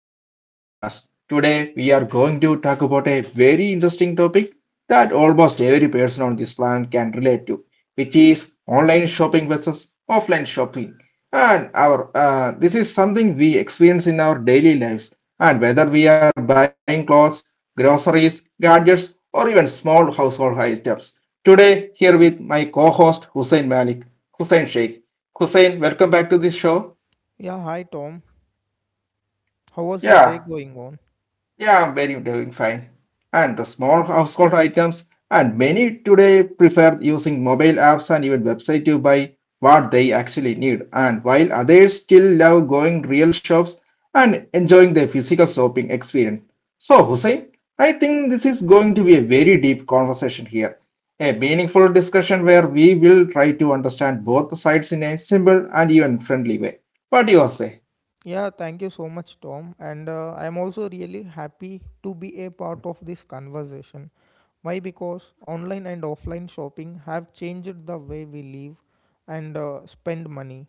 back to this podcast. Today we are going to talk about a very interesting topic that almost every person on this planet can relate to, which is online shopping versus offline shopping. And our This is something we experience in our daily lives, and whether we are buying clothes, groceries, gadgets, or even small household items. Today, here with my co-host Hussein Malik, Hussein Sheikh. Hussein, welcome back to this show. Yeah, hi Tom. How was your day Yeah. going on? Yeah, very doing fine. And the small household items, and many today prefer using mobile apps and even website to buy what they actually need. And while others still love going real shops and enjoying the physical shopping experience. So, Hussein, I think this is going to be a very deep conversation here. A meaningful discussion where we will try to understand both sides in a simple and even friendly way. What do you say? Yeah, thank you so much, Tom. And I'm also really happy to be a part of this conversation. Why? Because online and offline shopping have changed the way we live and spend money.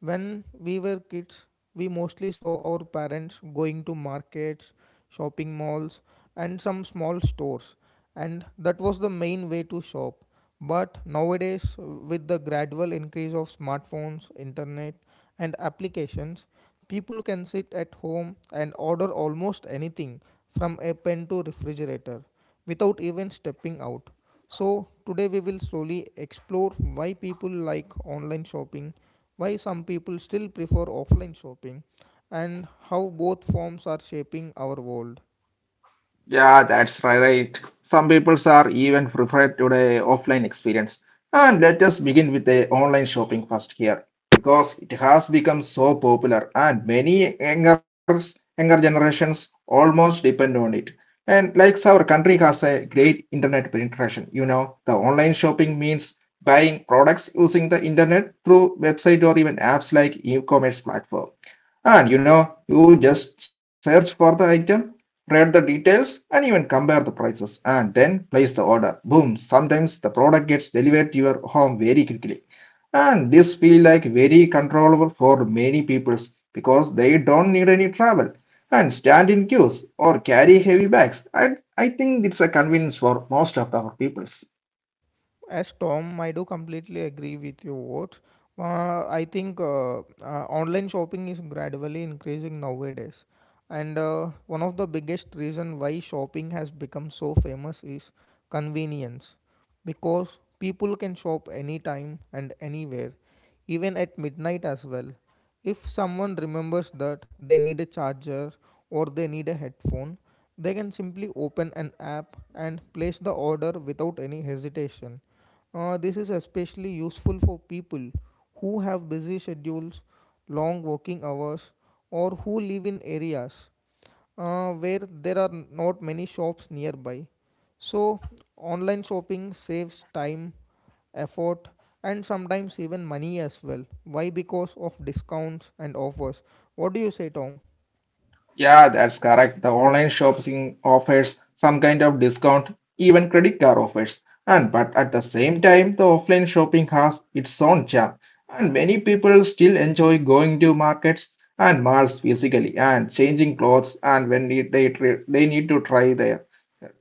When we were kids, we mostly saw our parents going to markets, shopping malls, and some small stores, and that was the main way to shop. But nowadays, with the gradual increase of smartphones, internet, and applications, people can sit at home and order almost anything from a pen to refrigerator without even stepping out. So, today we will slowly explore why people like online shopping, why some people still prefer offline shopping, and how both forms are shaping our world. Yeah, that's right. Some people are even preferred to the offline experience. And let us begin with the online shopping first here, because it has become so popular and many younger generations almost depend on it. And like our country has a great internet penetration, you know, the online shopping means buying products using the internet through website or even apps like e-commerce platform. And you know, you just search for the item, read the details, and even compare the prices, and then place the order. Boom! Sometimes the product gets delivered to your home very quickly. And this feel like very controllable for many peoples because they don't need any travel and stand in queues or carry heavy bags. And I think it's a convenience for most of our peoples. As Tom, I do completely agree with your words. I think online shopping is gradually increasing nowadays, and one of the biggest reason why shopping has become so famous is convenience, because people can shop anytime and anywhere, even at midnight as well. If someone remembers that they need a charger or they need a headphone, they can simply open an app and place the order without any hesitation. This is especially useful for people who have busy schedules, long working hours, or who live in areas where there are not many shops nearby. So, online shopping saves time, effort, and sometimes even money as well. Why? Because of discounts and offers. What do you say, Tom? Yeah, that's correct. The online shopping offers some kind of discount, even credit card offers. And but at the same time, the offline shopping has its own charm. And many people still enjoy going to markets and malls physically and changing clothes and when they need to try their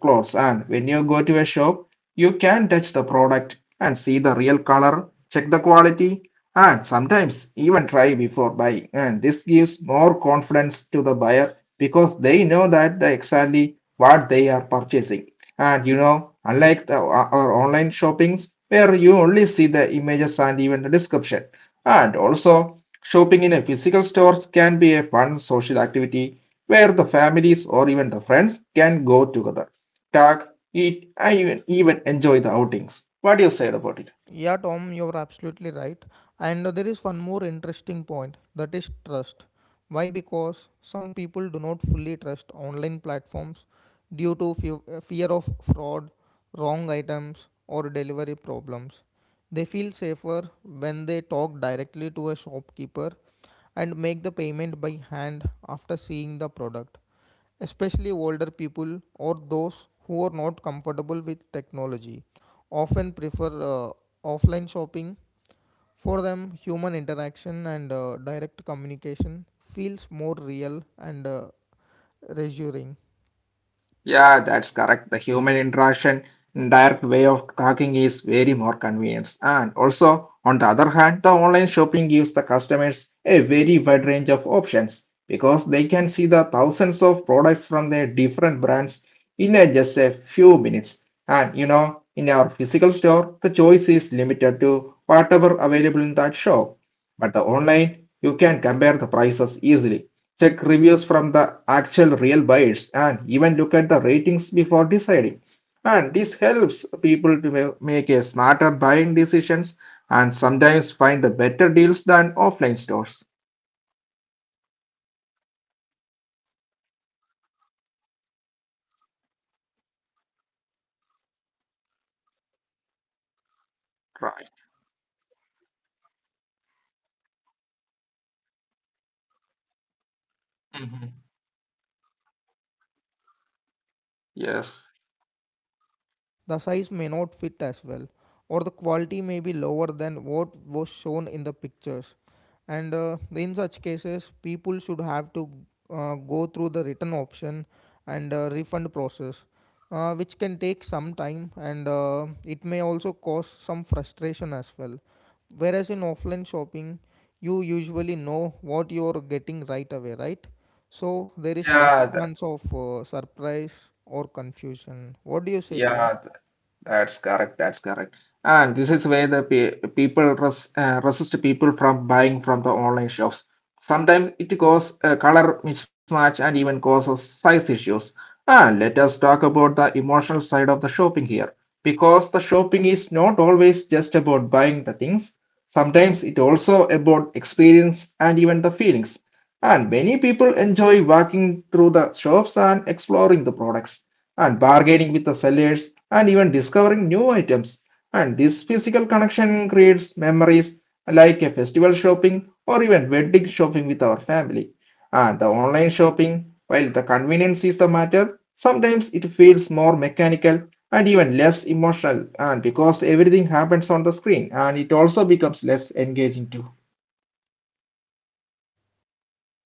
clothes. And when you go to a shop, you can touch the product and see the real color check the quality, and sometimes even try before buying. And this gives more confidence to the buyer because they know that the exactly what they are purchasing. And you know, unlike our online shoppings where you only see the images and even the description. And also, shopping in a physical stores can be a fun social activity where the families or even the friends can go together, talk, eat, and even enjoy the outings. What do you say about it? Yeah, Tom, you're absolutely right. And There is one more interesting point that is trust. Why? Because some people do not fully trust online platforms due to fear of fraud, wrong items, or delivery problems. They feel safer when they talk directly to a shopkeeper and make the payment by hand after seeing the product, especially older people or those who are not comfortable with technology, often prefer offline shopping. For them, human interaction and direct communication feels more real and reassuring. Yeah, that's correct. The human interaction, direct way of talking is very more convenience. And also, on the other hand, the online shopping gives the customers a very wide range of options because they can see the thousands of products from their different brands in just a few minutes. And you know, in our physical store, the choice is limited to whatever available in that shop. But the online, you can compare the prices easily. Check reviews from the actual real buyers and even look at the ratings before deciding. And this helps people to make a smarter buying decisions and sometimes find the better deals than offline stores. Yeah, you are absolutely right. We can get some better discounts in online platforms when compared to offline stores. I do completely agree with your words. However, Right. we should also remember that online shopping sometimes brings disappointment when the product Mhm. delivered does not match our expectations. The Yes. color may look different, the size may not fit as well, or the quality may be lower than what was shown in the pictures, and in such cases people should have to go through the return option and refund process, which can take some time, and it may also cause some frustration as well. Whereas in offline shopping, you usually know what you are getting right away, right? So there is less Yeah, th- chance of surprise or confusion. What do you say, Tom? yeah, that's correct. That's correct. And this is where the pe people res resist people from buying from the online shops. Sometimes it causes a color mismatch and even causes size issues. Let us talk about the emotional side of the shopping here, because the shopping is not always just about buying the things. Sometimes it also about experience and even the feelings. And many people enjoy walking through the shops and exploring the products and bargaining with the sellers and even discovering new items. And this physical connection creates memories like a festival shopping or even wedding shopping with our family. And the online shopping, while the convenience is the matter, sometimes it feels more mechanical and even less emotional and because everything happens on the screen and it also becomes less engaging too.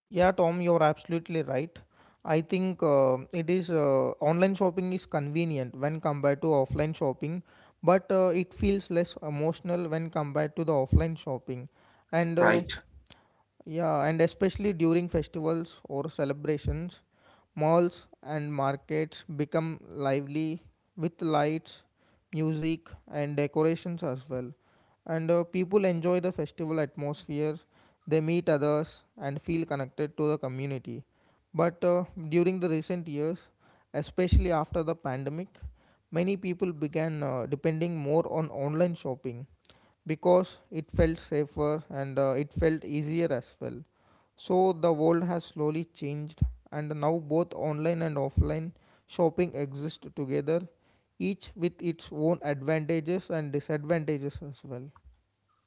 Yeah, Tom, you're absolutely right. I think it is online shopping is convenient when compared to offline shopping, but it feels less emotional when compared to the offline shopping. And uh, Right. yeah, and especially during festivals or celebrations, malls and markets become lively with lights, music, and decorations as well. And People enjoy the festival atmosphere, they meet others, and feel connected to the community. But during the recent years, especially after the pandemic, many people began depending more on online shopping because it felt safer and it felt easier as well. So the world has slowly changed, and now both online and offline shopping exist together, each with its own advantages and disadvantages as well.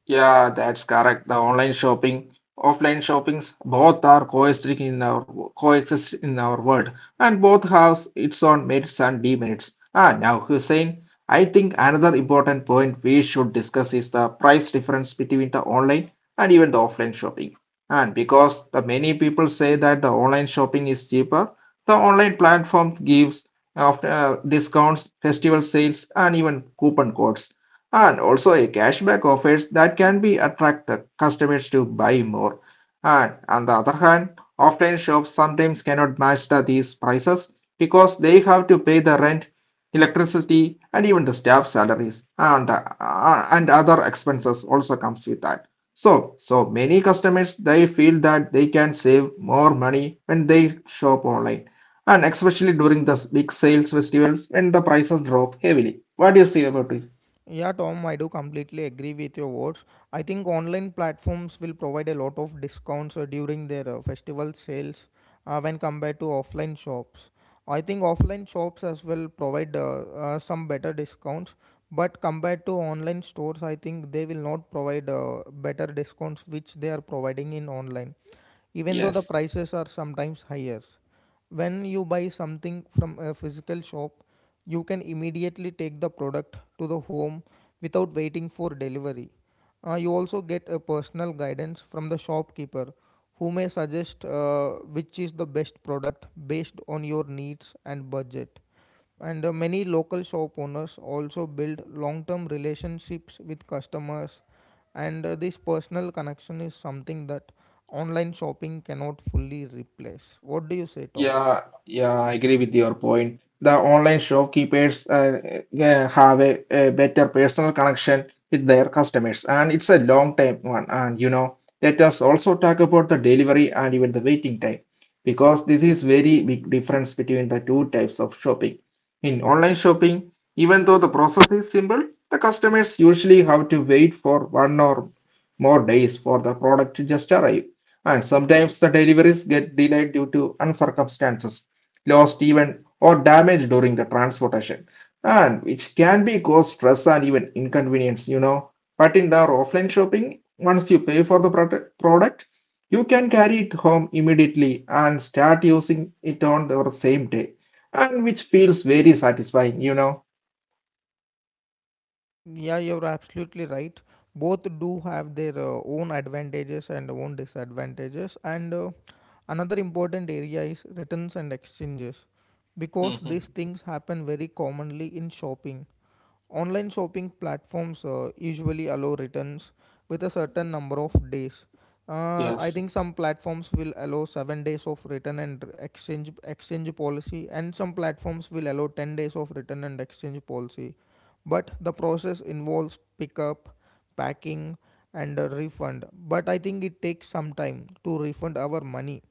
Yeah, that's correct. The online shopping, offline shoppings, both are coexist in our world, and both have its own merits and demerits. Now Hussein, I think another important point we should discuss is the price difference between the online and even the offline shopping. And because the many people say that the online shopping is cheaper, the online platform gives after discounts, festival sales, and even coupon codes and also a cashback offers that can be attract the customers to buy more. And on the other hand, offline shops sometimes cannot match these prices because they have to pay the rent, electricity, and even the staff salaries and other expenses also comes with that. So so many customers they feel that they can save more money when they shop online and especially during the big sales festivals when the prices drop heavily. What do you say about it? Yeah, Tom, I do completely agree with your words. I think online platforms will provide a lot of discounts during their festival sales, when compared to offline shops. I think offline shops as well provide some better discounts, but compared to online stores, I think they will not provide better discounts which they are providing in online, even though the Yes. prices are sometimes higher. When you buy something from a physical shop, you can immediately take the product to the home without waiting for delivery. You also get a personal guidance from the shopkeeper who may suggest which is the best product based on your needs and budget. And Many local shop owners also build long term relationships with customers, and this personal connection is something that online shopping cannot fully replace. What do you say, Tom? Yeah, yeah, I agree with your point. The online shopkeepers have a better personal connection with their customers, and it's a long time one. And you know, let us also talk about the delivery and even the waiting time, because this is very big difference between the two types of shopping. In online shopping, even though the process is simple, the customers usually have to wait for one or more days for the product to just arrive. And sometimes the deliveries get delayed due to uncircumstances, lost even or damaged during the transportation, and which can be cause stress and even inconvenience, you know. But in the offline shopping, once you pay for the product, you can carry it home immediately and start using it on the same day, and which feels very satisfying, you know. Yeah, you're absolutely right. Both do have their own advantages and own disadvantages. And Another important area is returns and exchanges because these things happen very commonly in shopping. Online shopping platforms usually allow returns with a certain number of days. I think some platforms will allow 7 days of return and exchange policy, and some platforms will allow 10 days of return and exchange policy. But the process involves pickup, packing, and a refund. But I think it takes some time to refund our money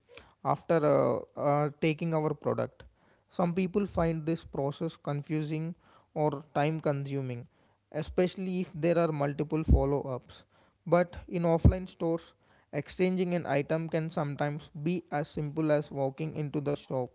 after taking our product. Some people find this process confusing or time consuming, especially if there are multiple follow ups. But in offline stores, exchanging an item can sometimes be as simple as walking into the shop,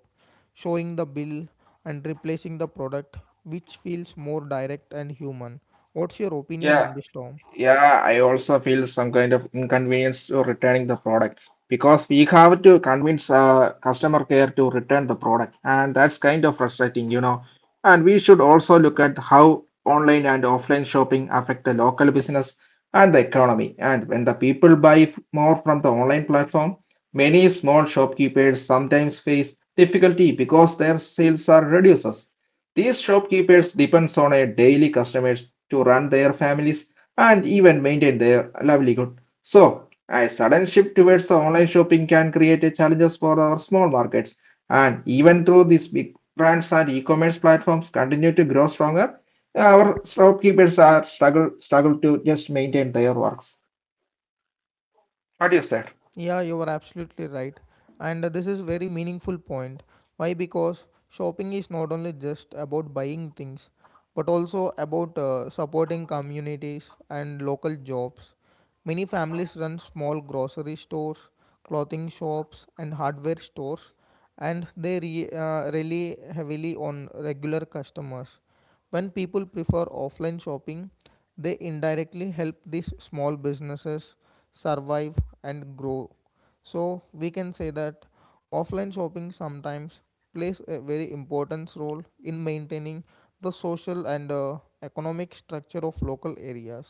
showing the bill, and replacing the product, which feels more direct and human. What's your opinion on this, Tom? Yeah, I also feel some kind of inconvenience to returning the product because we have to convince customer care to return the product, and that's kind of frustrating, you know. And we should also look at how online and offline shopping affect the local business and the economy. And when the people buy more from the online platform, many small shopkeepers sometimes face difficulty because their sales are reduces. These shopkeepers depends on a daily customers to run their families and even maintain their livelihood. So, a sudden shift towards the online shopping can create challenges for our small markets. And even though these big brands and e-commerce platforms continue to grow stronger, our shopkeepers are struggle to just maintain their works. What do you say? Yeah, you are absolutely right. And This is very meaningful point. Why? Because shopping is not only just about buying things, but also about supporting communities and local jobs. Many families run small grocery stores, clothing shops, and hardware stores, and they rely heavily on regular customers. When people prefer offline shopping, they indirectly help these small businesses survive and grow. So we can say that offline shopping sometimes plays a very important role in maintaining the social and economic structure of local areas.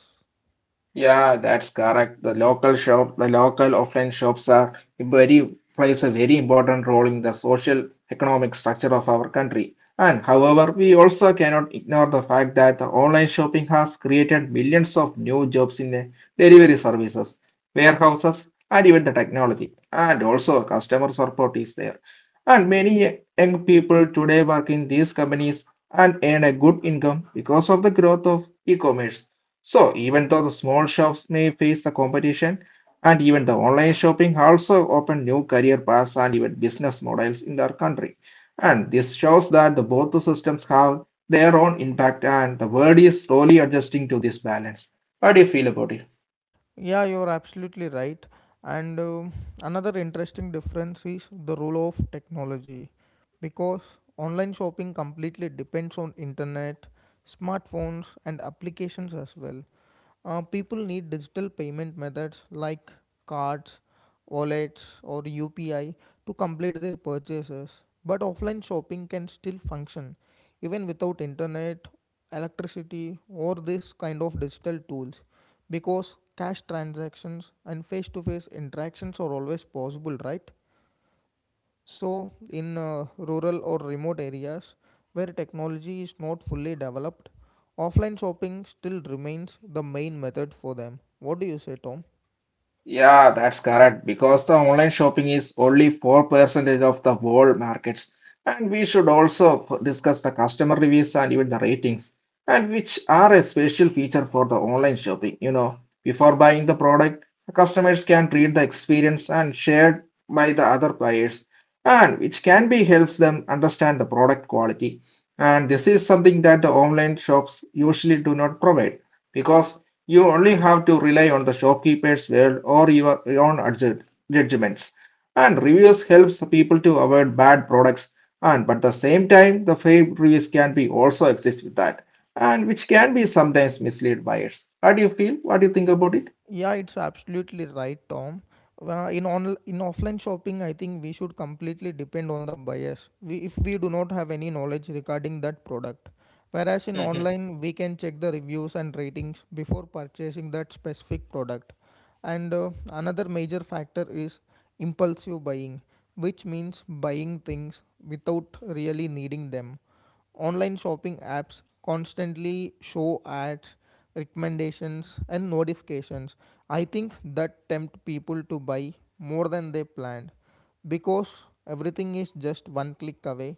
Yeah, that's correct. The local shop, the local offline shops are very plays a very important role in the social economic structure of our country. And however, we also cannot ignore the fact that the online shopping has created millions of new jobs in the delivery services, warehouses, and even the technology. And also customer support is there. And many young people today work in these companies and earn a good income because of the growth of e-commerce. So, even though the small shops may face the competition, and even the online shopping also open new career paths and even business models in our country. And this shows that the both the systems have their own impact and the world is slowly adjusting to this balance. What do you feel about it? Yeah, you're absolutely right. And Another interesting difference is the role of technology, because online shopping completely depends on internet, smartphones and applications as well. People need digital payment methods like cards, wallets or UPI to complete their purchases. But offline shopping can still function even without internet, electricity or this kind of digital tools, because cash transactions and face to face interactions are always possible, right? So, in rural or remote areas where technology is not fully developed, offline shopping still remains the main method for them. What do you say, Tom? Yeah, that's correct. Because the online shopping is only 4% of the world markets. And we should also discuss the customer reviews and even the ratings, and which are a special feature for the online shopping. You know, before buying the product, the customers can read the experience and shared by the other buyers, and which can be helps them understand the product quality. And this is something that the online shops usually do not provide because you only have to rely on the shopkeeper's word or your own judgments. And reviews helps people to avoid bad products. And but at the same time, the fake reviews can be also exist with that, and which can be sometimes mislead buyers. What do you feel? What do you think about it? Yeah, it's absolutely right, Tom. In offline shopping, I think we should completely depend on the buyers, We, if we do not have any knowledge regarding that product, whereas in online we can check the reviews and ratings before purchasing that specific product. And Another major factor is impulsive buying, which means buying things without really needing them. Online shopping apps constantly show ads, recommendations, and notifications. I think that tempt people to buy more than they planned because everything is just one click away.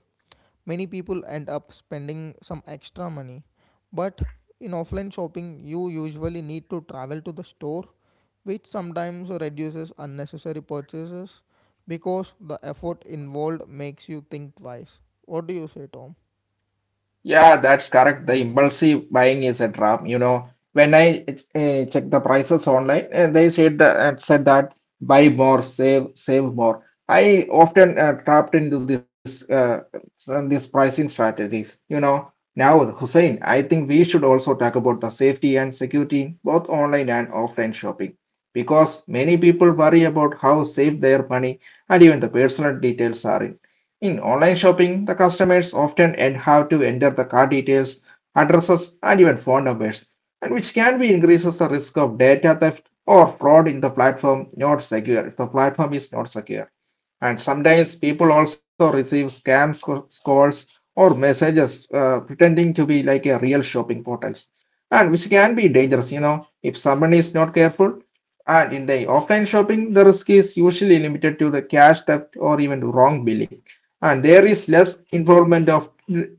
Many people end up spending some extra money, but in offline shopping, you usually need to travel to the store, which sometimes reduces unnecessary purchases because the effort involved makes you think twice. What do you say, Tom? Yeah, that's correct. The impulsive buying is a trap. You know, when I check the prices online, they said that buy more, save more. I often trapped into these pricing strategies. You know, now Hussein, I think we should also talk about the safety and security in both online and offline shopping because many people worry about how safe their money and even the personal details are. In online shopping, the customers often end have to enter the card details, addresses, and even phone numbers, and which can be increases the risk of data theft or fraud in the platform not secure if the platform is not secure. And sometimes people also receive calls or messages pretending to be like a real shopping portals, and which can be dangerous, you know, if someone is not careful. And in the offline shopping, the risk is usually limited to the cash theft or even wrong billing, and there is less involvement of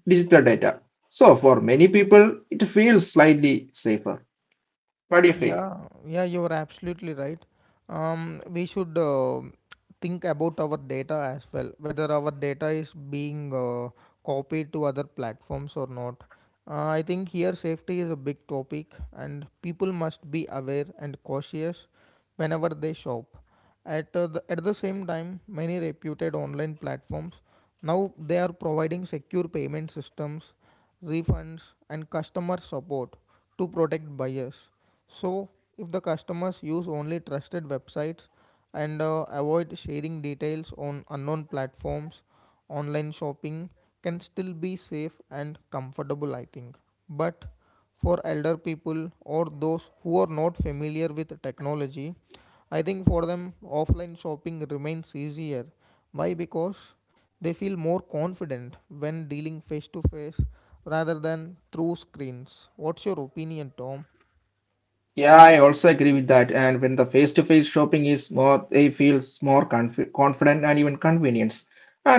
digital data. So for many people, it feels slightly safer. What do you feel? Yeah, yeah, you're absolutely right. We should think about our data as well, whether our data is being copied to other platforms or not. I think here safety is a big topic, and people must be aware and cautious whenever they shop. At the same time, many reputed online platforms now they are providing secure payment systems, refunds, and customer support to protect buyers. So, if the customers use only trusted websites and avoid sharing details on unknown platforms, online shopping can still be safe and comfortable, I think. But for elder people or those who are not familiar with technology, I think for them offline shopping remains easier. Why? Because they feel more confident when dealing face to face rather than through screens. What's your opinion, Tom? Yeah, I also agree with that. And when the face-to-face shopping is more, they feel more confident and even convenience.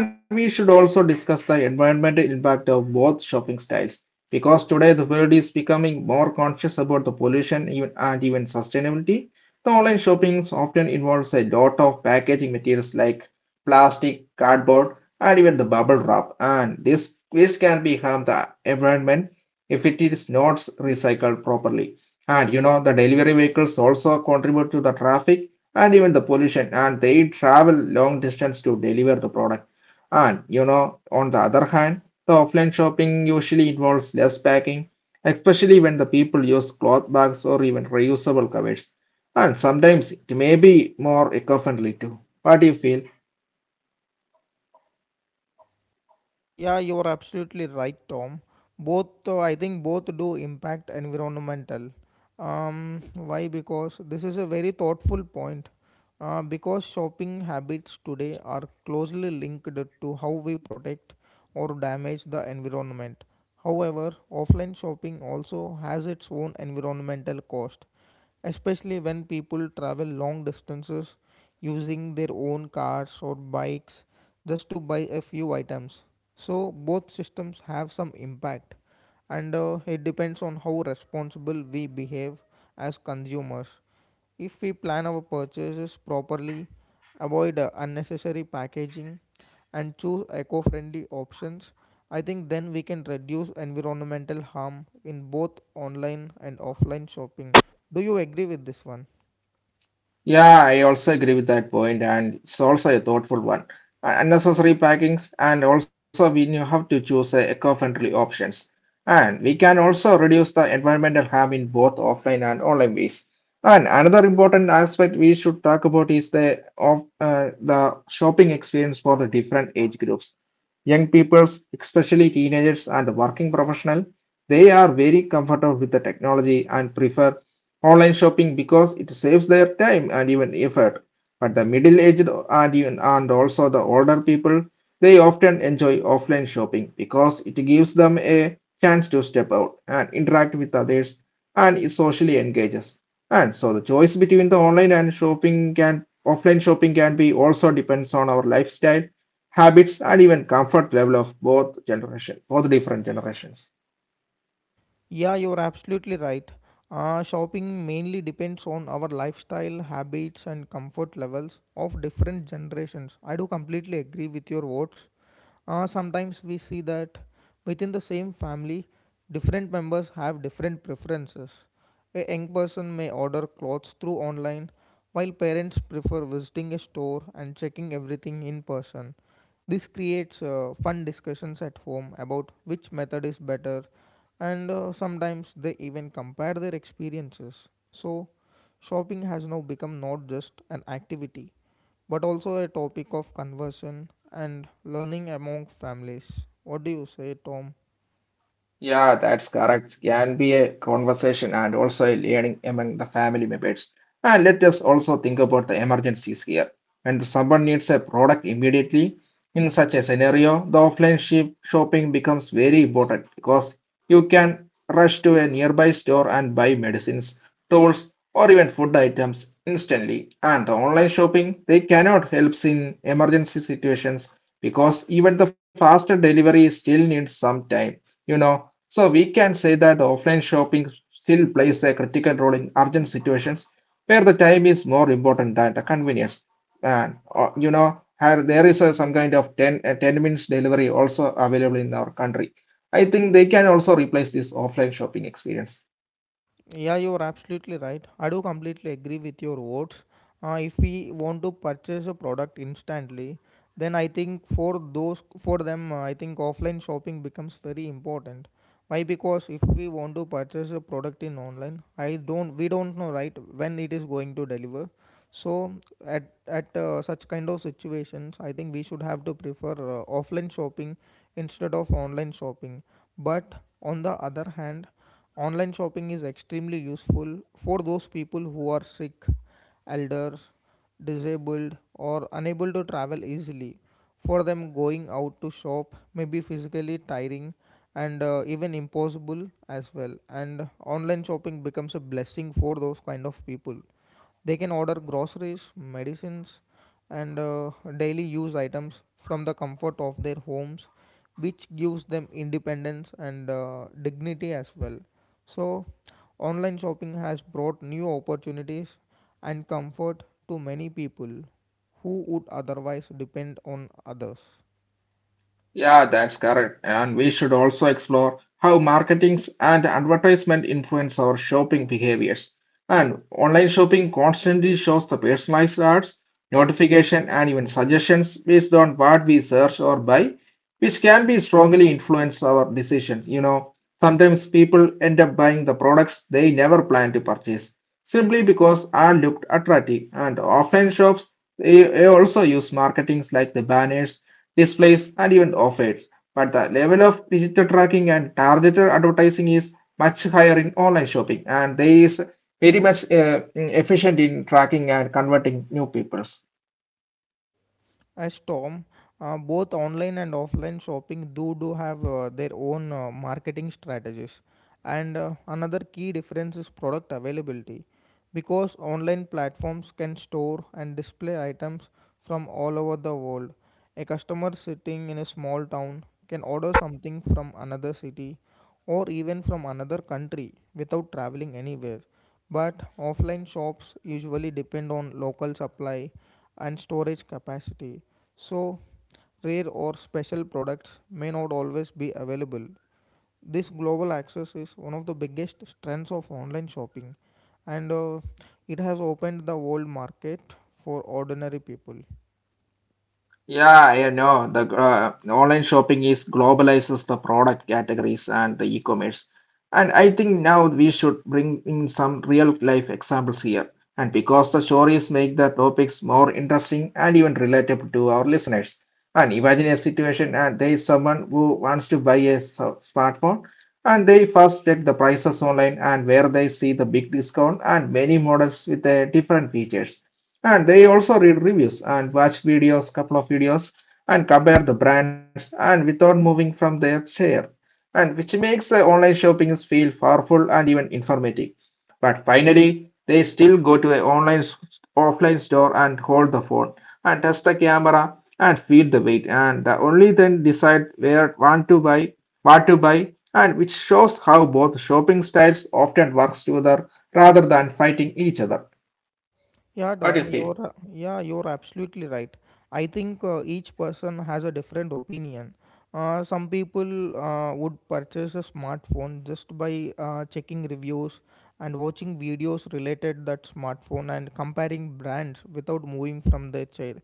And we should also discuss the environmental impact of both shopping styles, because today the world is becoming more conscious about the pollution even sustainability. The online shopping often involves a lot of packaging materials like plastic, cardboard, and even the bubble wrap. And this can be harm the environment if it is not recycled properly. And you know, the delivery vehicles also contribute to the traffic and even the pollution, and they travel long distance to deliver the product. And you know, on the other hand, the offline shopping usually involves less packing, especially when the people use cloth bags or even reusable covers. And sometimes it may be more eco-friendly too. What do you feel? Yeah, you are absolutely right, Tom. Both, I think, both do impact environmental. Why? Because this is a very thoughtful point. Because shopping habits today are closely linked to how we protect or damage the environment. However, offline shopping also has its own environmental cost, especially when people travel long distances using their own cars or bikes just to buy a few items. So, both systems have some impact, and it depends on how responsible we behave as consumers. If we plan our purchases properly, avoid unnecessary packaging, and choose eco friendly options, I think then we can reduce environmental harm in both online and offline shopping. Do you agree with this one? Yeah, I also agree with that point, and it's also a thoughtful one. Unnecessary packings, and also we knew how to choose eco-friendly options. And we can also reduce the environmental harm in both offline and online ways. And another important aspect we should talk about is the shopping experience for the different age groups. Young people, especially teenagers and working professionals, they are very comfortable with the technology and prefer online shopping because it saves their time and even effort. But the middle-aged and also the older people, they often enjoy offline shopping because it gives them a chance to step out and interact with others and it socially engages. And so the choice between the online and shopping can offline shopping can be also depends on our lifestyle, habits, and even comfort level of both different generations. Yeah, you're absolutely right. Shopping mainly depends on our lifestyle, habits, and comfort levels of different generations. I do completely agree with your words. Sometimes we see that within the same family, different members have different preferences. A young person may order clothes through online, while parents prefer visiting a store and checking everything in person. This creates fun discussions at home about which method is better, and sometimes they even compare their experiences. So, shopping has now become not just an activity, but also a topic of conversion and learning among families. What do you say, Tom? Yeah, that's correct. Can be a conversation and also a learning among the family members. And let us also think about the emergencies here. When someone needs a product immediately, in such a scenario, the offline ship shopping becomes very important because you can rush to a nearby store and buy medicines, tools, or even food items instantly. And the online shopping, they cannot help in emergency situations because even the faster delivery still needs some time, you know. So we can say that the offline shopping still plays a critical role in urgent situations where the time is more important than the convenience. And you know, there is some kind of 10 minutes delivery also available in our country. I think they can also replace this offline shopping experience. Yeah, you're absolutely right. I do completely agree with your words. If we want to purchase a product instantly, then I think for them, I think offline shopping becomes very important. Why? Because if we want to purchase a product in online, I don't we don't know right when it is going to deliver. So at such kind of situations, I think we should have to prefer offline shopping instead of online shopping. But on the other hand, online shopping is extremely useful for those people who are sick, elders, disabled, or unable to travel easily. For them, going out to shop may be physically tiring and even impossible as well. And online shopping becomes a blessing for those kind of people. They can order groceries, medicines, and daily use items from the comfort of their homes, which gives them independence and dignity as well. So, online shopping has brought new opportunities and comfort to many people who would otherwise depend on others. Yeah, that's correct. And we should also explore how marketings and advertisement influence our shopping behaviors. And online shopping constantly shows the personalized ads, notification, and even suggestions based on what we search or buy, which can be strongly influence our decisions. You know, sometimes people end up buying the products they never planned to purchase simply because ad looked attractive. And offline shops, they also use marketings like the banners, displays, and even offers. But the level of digital tracking and targeted advertising is much higher in online shopping, and they is very much efficient in tracking and converting new people. As Tom, both online and offline shopping do have their own marketing strategies. And another key difference is product availability, because online platforms can store and display items from all over the world. A customer sitting in a small town can order something from another city or even from another country without traveling anywhere. But offline shops usually depend on local supply and storage capacity, so rare or special products may not always be available. This global access is one of the biggest strengths of online shopping, and it has opened the world market for ordinary people. Yeah, I know the online shopping is globalizes the product categories and the e-commerce. And I think now we should bring in some real life examples here. And because the stories make the topics more interesting and even relatable to our listeners. And imagine a situation and there is someone who wants to buy a smartphone, and they first check the prices online and where they see the big discount and many models with different features, and they also read reviews and watch videos, couple of videos, and compare the brands and without moving from their chair. And which makes the online shopping feel powerful and even informative. But finally, they still go to an offline store and hold the phone and test the camera and feel the weight and the only then decide where want to buy, what to buy, and which shows how both shopping styles often works together rather than fighting each other. Yeah, Dom, you're absolutely right. I think each person has a different opinion. Some people would purchase a smartphone just by checking reviews and watching videos related that smartphone and comparing brands without moving from their chair.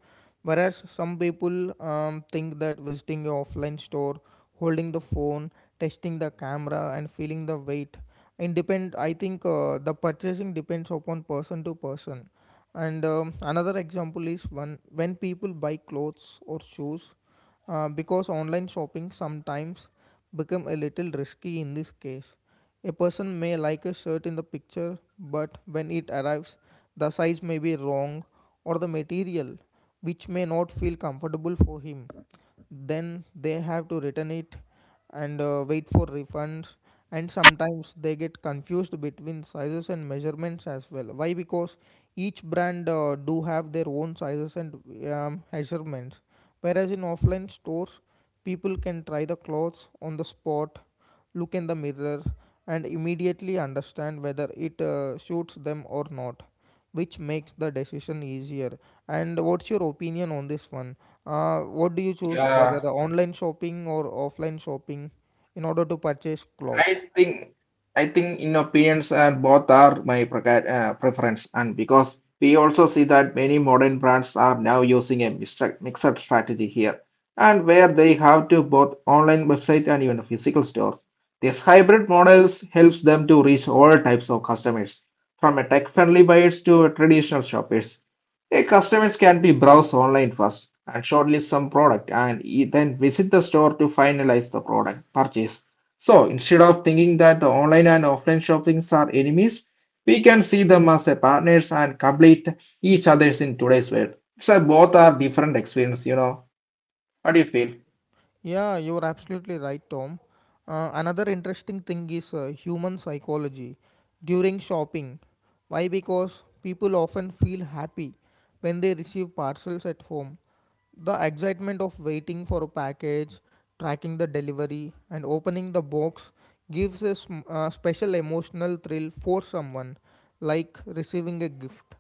Whereas some people think that visiting a offline store, holding the phone, testing the camera, and feeling the weight, independent. I think the purchasing depends upon person to person, and another example is one when people buy clothes or shoes because online shopping sometimes become a little risky in this case. A person may like a shirt in the picture, but when it arrives, the size may be wrong or the material which may not feel comfortable for him. Then they have to return it and wait for refunds, and sometimes they get confused between sizes and measurements as well. Why? Because each brand do have their own sizes and measurements, whereas in offline stores people can try the clothes on the spot, look in the mirror, and immediately understand whether it suits them or not, which makes the decision easier. And what's your opinion on this one? What do you choose, Yeah, whether online shopping or offline shopping, in order to purchase I clothes? think I think in opinions and both are my preference, and because we also see that many modern brands are now using a mixed strategy here and where they have to both online website and even physical stores. This hybrid models helps them to reach all types of customers from a tech-friendly buyers to a traditional shoppers. A customers can be browse online first and shortlist some product and then visit the store to finalize the product purchase. So instead of thinking that the online and offline shoppings are enemies, we can see them as a partners and complete each others in today's world. So both are different experience, you know. What do you feel? Yeah, you're absolutely right, Tom. Another interesting thing is human psychology during shopping. Why? Because people often feel happy when they receive parcels at home. The excitement of waiting for a package, tracking the delivery, and opening the box gives a special emotional thrill for someone, like receiving a gift.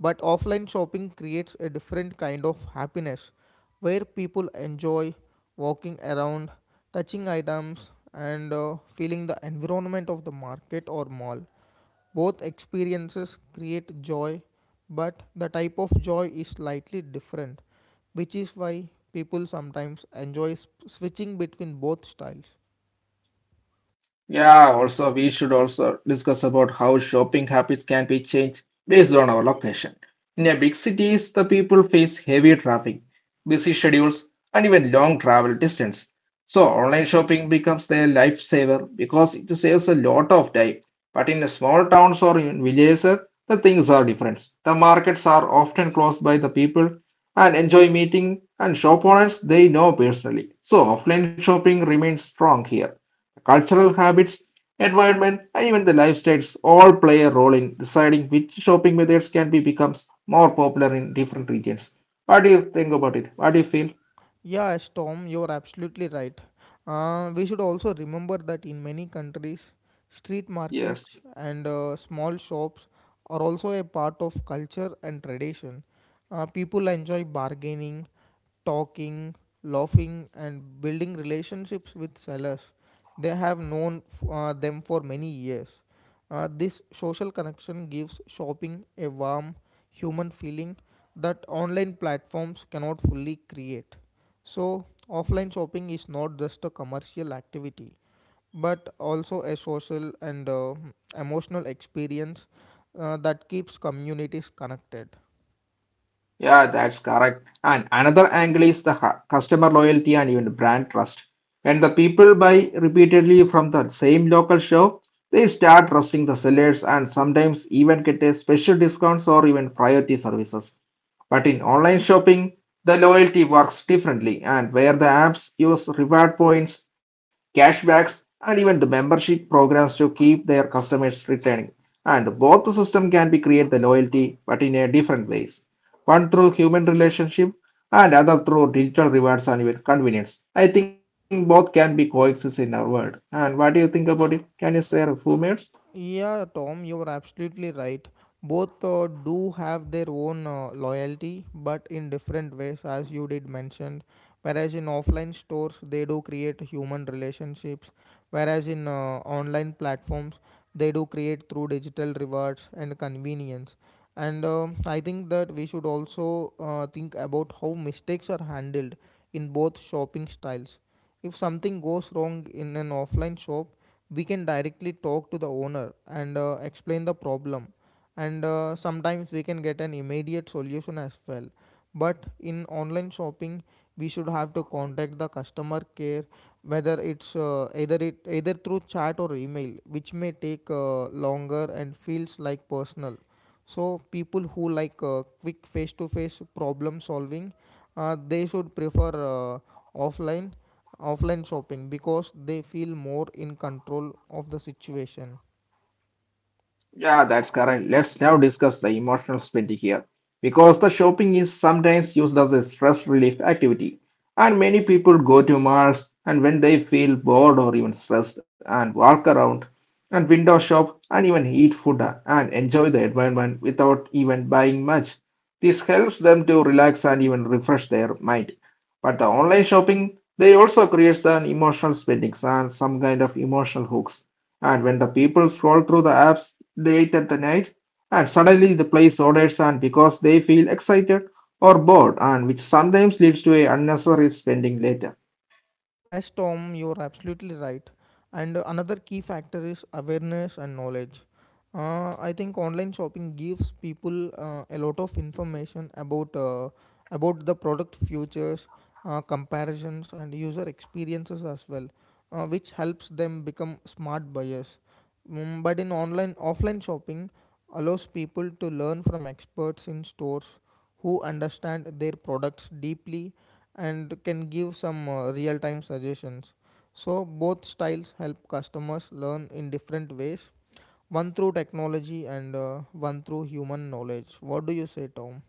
But offline shopping creates a different kind of happiness where people enjoy walking around, touching items, and feeling the environment of the market or mall. Both experiences create joy, but the type of joy is slightly different, which is why people sometimes enjoy switching between both styles. Yeah, also we should also discuss about how shopping habits can be changed based on our location. In a big cities, the people face heavy traffic, busy schedules, and even long travel distance. So online shopping becomes their lifesaver because it saves a lot of time. But in the small towns or in villages, the things are different. The markets are often closed by the people and enjoy meeting and shop owners they know personally. So offline shopping remains strong here. The cultural habits, environment, and even the lifestyles all play a role in deciding which shopping methods can be becomes more popular in different regions. What do you think about it? What do you feel? Yeah, Storm, you're absolutely right. We should also remember that in many countries, street markets Yes. and small shops are also a part of culture and tradition. People enjoy bargaining, talking, laughing, and building relationships with sellers. They have known them for many years. This social connection gives shopping a warm, human feeling that online platforms cannot fully create. So, offline shopping is not just a commercial activity, but also a social and emotional experience that keeps communities connected. Yeah, that's correct. And another angle is the customer loyalty and even brand trust. When the people buy repeatedly from the same local shop, they start trusting the sellers and sometimes even get a special discounts or even priority services. But in online shopping, the loyalty works differently, and where the apps use reward points, cashbacks, and even the membership programs to keep their customers returning. And both the system can be create the loyalty, but in a different ways. One through human relationship, and other through digital rewards and even convenience. I think both can be coexist in our world. And what do you think about it? Can you share a few minutes? Yeah, Tom, you are absolutely right. Both do have their own loyalty but in different ways, as you did mention. Whereas in offline stores they do create human relationships, whereas in online platforms they do create through digital rewards and convenience. And I think that we should also think about how mistakes are handled in both shopping styles. If something goes wrong in an offline shop, we can directly talk to the owner and explain the problem, and sometimes we can get an immediate solution as well. But in online shopping, we should have to contact the customer care, whether it's either it either through chat or email, which may take longer and feels like personal. So people who like quick face to face problem solving, they should prefer offline offline shopping because they feel more in control of the situation. Yeah, that's correct. Let's now discuss the emotional spending here. Because the shopping is sometimes used as a stress relief activity, and many people go to malls and when they feel bored or even stressed and walk around and window shop and even eat food and enjoy the environment without even buying much. This helps them to relax and even refresh their mind. But the online shopping, they also creates an emotional spending and some kind of emotional hooks and when the people scroll through the apps late at the night, and suddenly the place orders, and because they feel excited or bored, and which sometimes leads to a unnecessary spending later. As Tom, you're absolutely right. And another key factor is awareness and knowledge. I think online shopping gives people a lot of information about the product futures, comparisons, and user experiences as well, which helps them become smart buyers. But in online offline shopping, allows people to learn from experts in stores who understand their products deeply and can give some real time suggestions. So, both styles help customers learn in different ways, one through technology and one through human knowledge. What do you say, Tom?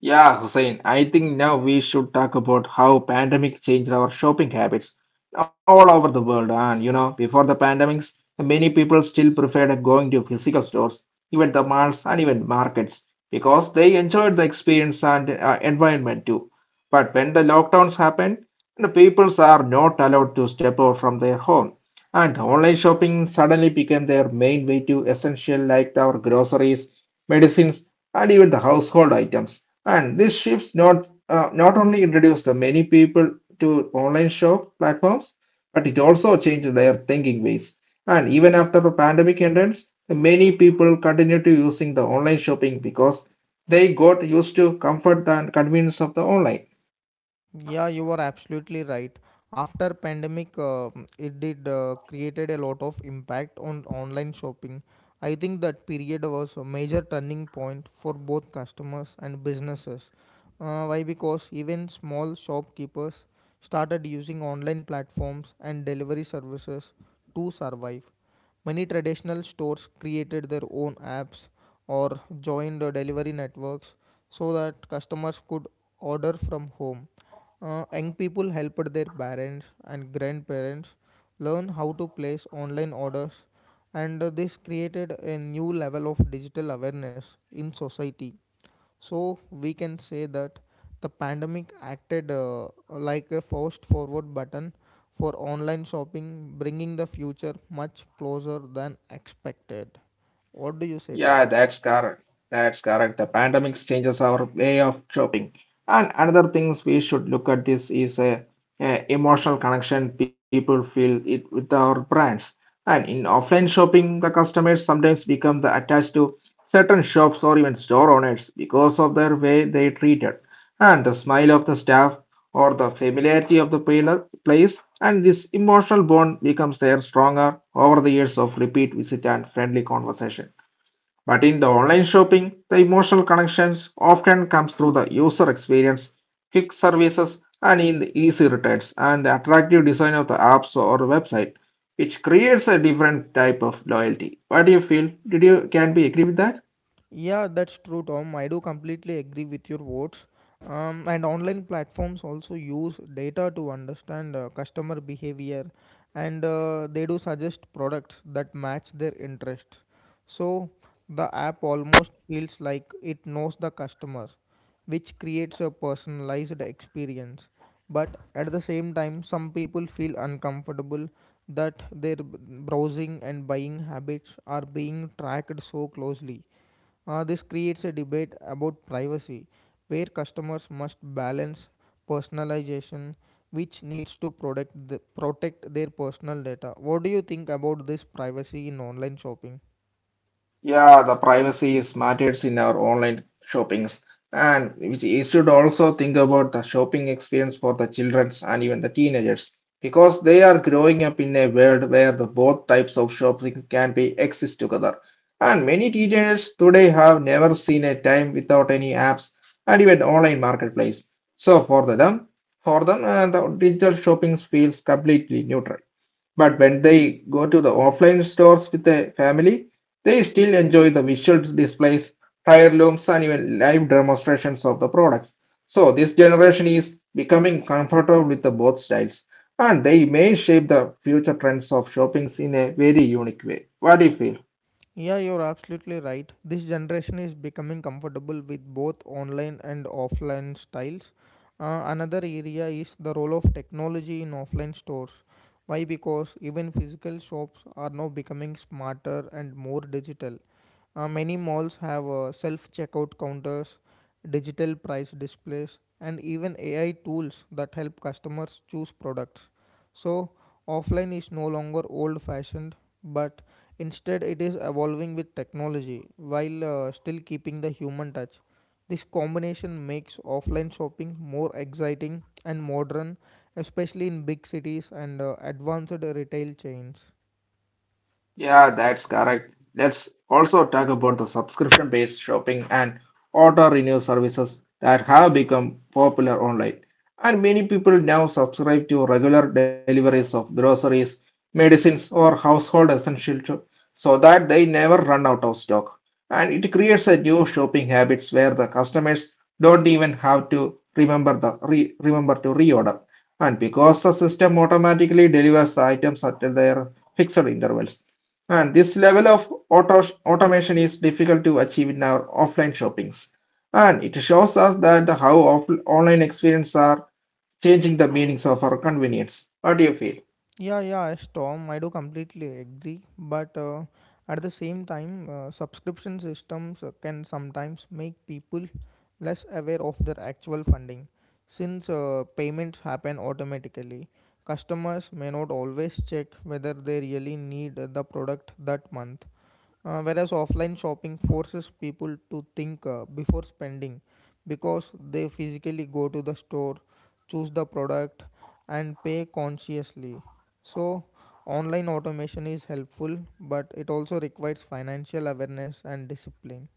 Yeah, Hussein, I think now we should talk about how pandemic changed our shopping habits all over the world. And you know, before the pandemics, many people still preferred going to physical stores, even the malls and even markets, because they enjoyed the experience and environment too. But when the lockdowns happened, the peoples are not allowed to step out from their home, and online shopping suddenly became their main way to essential like our groceries, medicines, and even the household items. And this shifts not only introduced the many people to online shop platforms, but it also changed their thinking ways. And even after the pandemic ends, many people continue to using the online shopping because they got used to comfort and convenience of the online. Yeah, you are absolutely right. After pandemic, it did created a lot of impact on online shopping. I think that period was a major turning point for both customers and businesses. Why? Because even small shopkeepers started using online platforms and delivery services to survive. Many traditional stores created their own apps or joined the delivery networks so that customers could order from home. Young people helped their parents and grandparents learn how to place online orders, and this created a new level of digital awareness in society. So we can say that the pandemic acted like a fast forward button for online shopping, bringing the future much closer than expected. What do you say, Yeah, Tom? that's correct. That's correct. The pandemic changes our way of shopping. And another things we should look at this is a emotional connection people feel it with our brands. And in offline shopping, the customers sometimes become the attached to certain shops or even store owners because of their way they treated. And the smile of the staff or the familiarity of the place, and this emotional bond becomes their stronger over the years of repeat visit and friendly conversation. But in the online shopping, the emotional connections often comes through the user experience, quick services, and in the easy returns and the attractive design of the apps or website, which creates a different type of loyalty. What do you feel? Did you can be agree with that? Yeah, that's true, Tom. I do completely agree with your words. And online platforms also use data to understand customer behavior, and they do suggest products that match their interests. So the app almost feels like it knows the customer, which creates a personalized experience. But at the same time, some people feel uncomfortable that browsing and buying habits are being tracked so closely. This creates a debate about privacy, where customers must balance personalization, which needs to protect their personal data. What do you think about this privacy in online shopping? Yeah, the privacy is matters in our online shoppings, and which you should also think about the shopping experience for the childrens and even the teenagers, because they are growing up in a world where the both types of shopping can be exist together. And many teenagers today have never seen a time without any apps and even online marketplace. So for the them, for them, the digital shopping feels completely neutral. But when they go to the offline stores with a family, they still enjoy the visual displays, heirlooms, and even live demonstrations of the products. So this generation is becoming comfortable with the both styles, and they may shape the future trends of shopping in a very unique way. What do you feel? Yeah, you're absolutely right. This generation is becoming comfortable with both online and offline styles. Another area is the role of technology in offline stores. Why? Because even physical shops are now becoming smarter and more digital. Many malls have self checkout counters, digital price displays, and even AI tools that help customers choose products. So, offline is no longer old fashioned, but instead it is evolving with technology while still keeping the human touch. This combination makes offline shopping more exciting and modern, especially in big cities and advanced retail chains. Yeah, that's correct. Let's also talk about the subscription-based shopping and auto-renew services that have become popular online. And many people now subscribe to regular deliveries of groceries, medicines, or household essentials so that they never run out of stock. And it creates a new shopping habits where the customers don't even have to remember the remember to reorder. And because the system automatically delivers the items at their fixed intervals and this level of automation is difficult to achieve in our offline shoppings. And it shows us that how online experiences are changing the meanings of our convenience. What do you feel? Yeah, Storm, I do completely agree. But at the same time, subscription systems can sometimes make people less aware of their actual funding. Since payments happen automatically, customers may not always check whether they really need the product that month. Whereas offline shopping forces people to think before spending, because they physically go to the store, choose the product, and pay consciously. So, online automation is helpful, but it also requires financial awareness and discipline.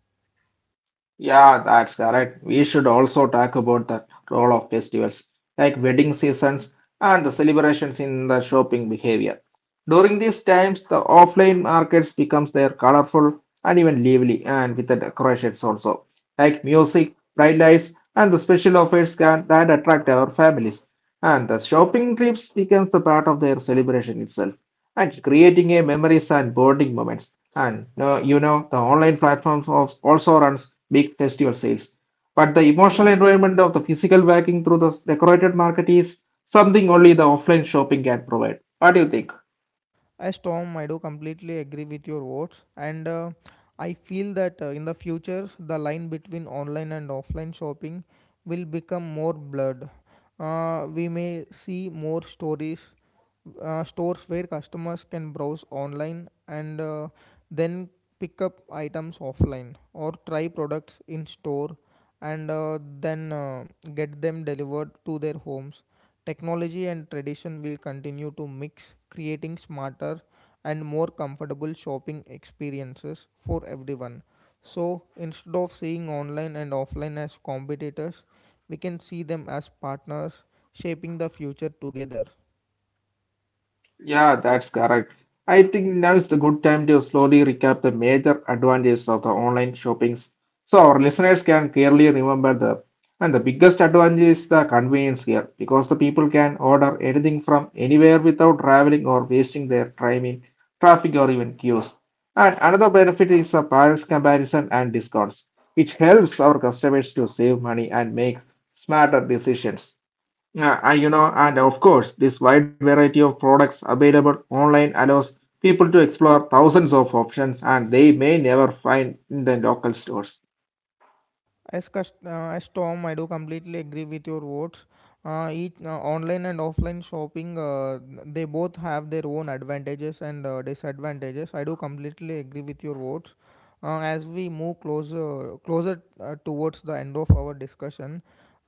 Yeah, that's correct. We should also talk about the role of festivals, like wedding seasons and the celebrations in the shopping behavior. During these times, the offline markets becomes their colorful and even lively, and with the decorations also, like music, bright lights, and the special offers that attract our families. And the shopping trips becomes the part of their celebration itself and creating a memories and bonding moments. And the online platforms also runs big festival sales. But the emotional environment of the physical backing through the decorated market is something only the offline shopping can provide. What do you think? As Tom, I do completely agree with your words, and I feel that in the future, the line between online and offline shopping will become more blurred. Uh, we may see more stories uh, stores where customers can browse online and then pick up items offline or try products in store and then get them delivered to their homes. Technology and tradition will continue to mix, creating smarter and more comfortable shopping experiences for everyone. So instead of seeing online and offline as competitors, we can see them as partners shaping the future together. Yeah, that's correct. I think now is the good time to slowly recap the major advantages of the online shoppings so our listeners can clearly remember them. And the biggest advantage is the convenience here because the people can order anything from anywhere without traveling or wasting their time in traffic or even queues. And another benefit is the price comparison and discounts, which helps our customers to save money and make smarter decisions. Yeah, and of course, this wide variety of products available online allows people to explore thousands of options and they may never find in the local stores. As Tom, I do completely agree with your words. Each online and offline shopping, they both have their own advantages and disadvantages. I do completely agree with your words. As we move closer towards the end of our discussion,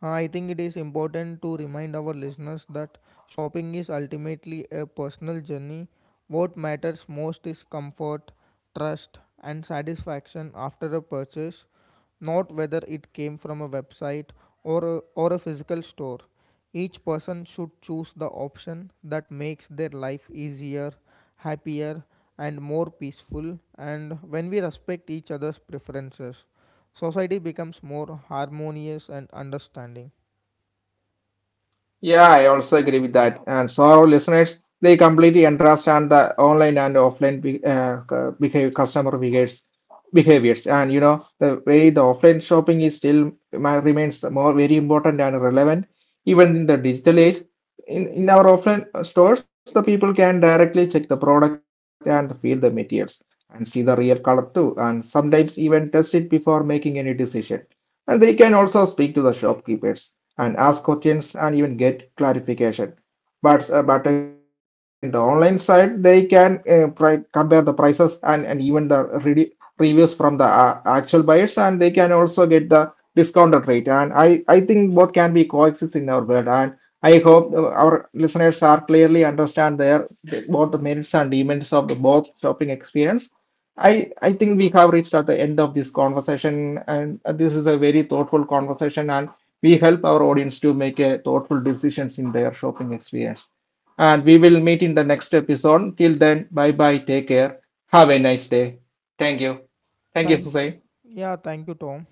I think it is important to remind our listeners that shopping is ultimately a personal journey. What matters most is comfort, trust, and satisfaction after a purchase, not whether it came from a website or a physical store. Each person should choose the option that makes their life easier, happier, and more peaceful. And when we respect each other's preferences, society becomes more harmonious and understanding. Yeah, I also agree with that. And so our listeners, they completely understand the online and offline behave customer behaviors. And you know, the way the offline shopping is still remains more very important and relevant, even in the digital age. In our offline stores, the people can directly check the product and feel the materials and see the real color too, and sometimes even test it before making any decision. And they can also speak to the shopkeepers and ask questions and even get clarification. But in the online side, they can compare the prices and even the reviews from the actual buyers, and they can also get the discounted rate. And I think both can be coexist in our world. And I hope our listeners are clearly understand their both the merits and demerits of the both shopping experience. I think we have reached at the end of this conversation, and this is a very thoughtful conversation, and we help our audience to make a thoughtful decisions in their shopping experience. And we will meet in the next episode. Till then, bye bye. Take care. Have a nice day. Thank Thank you. Thank yeah, you, Thank you, Hussein. Tom.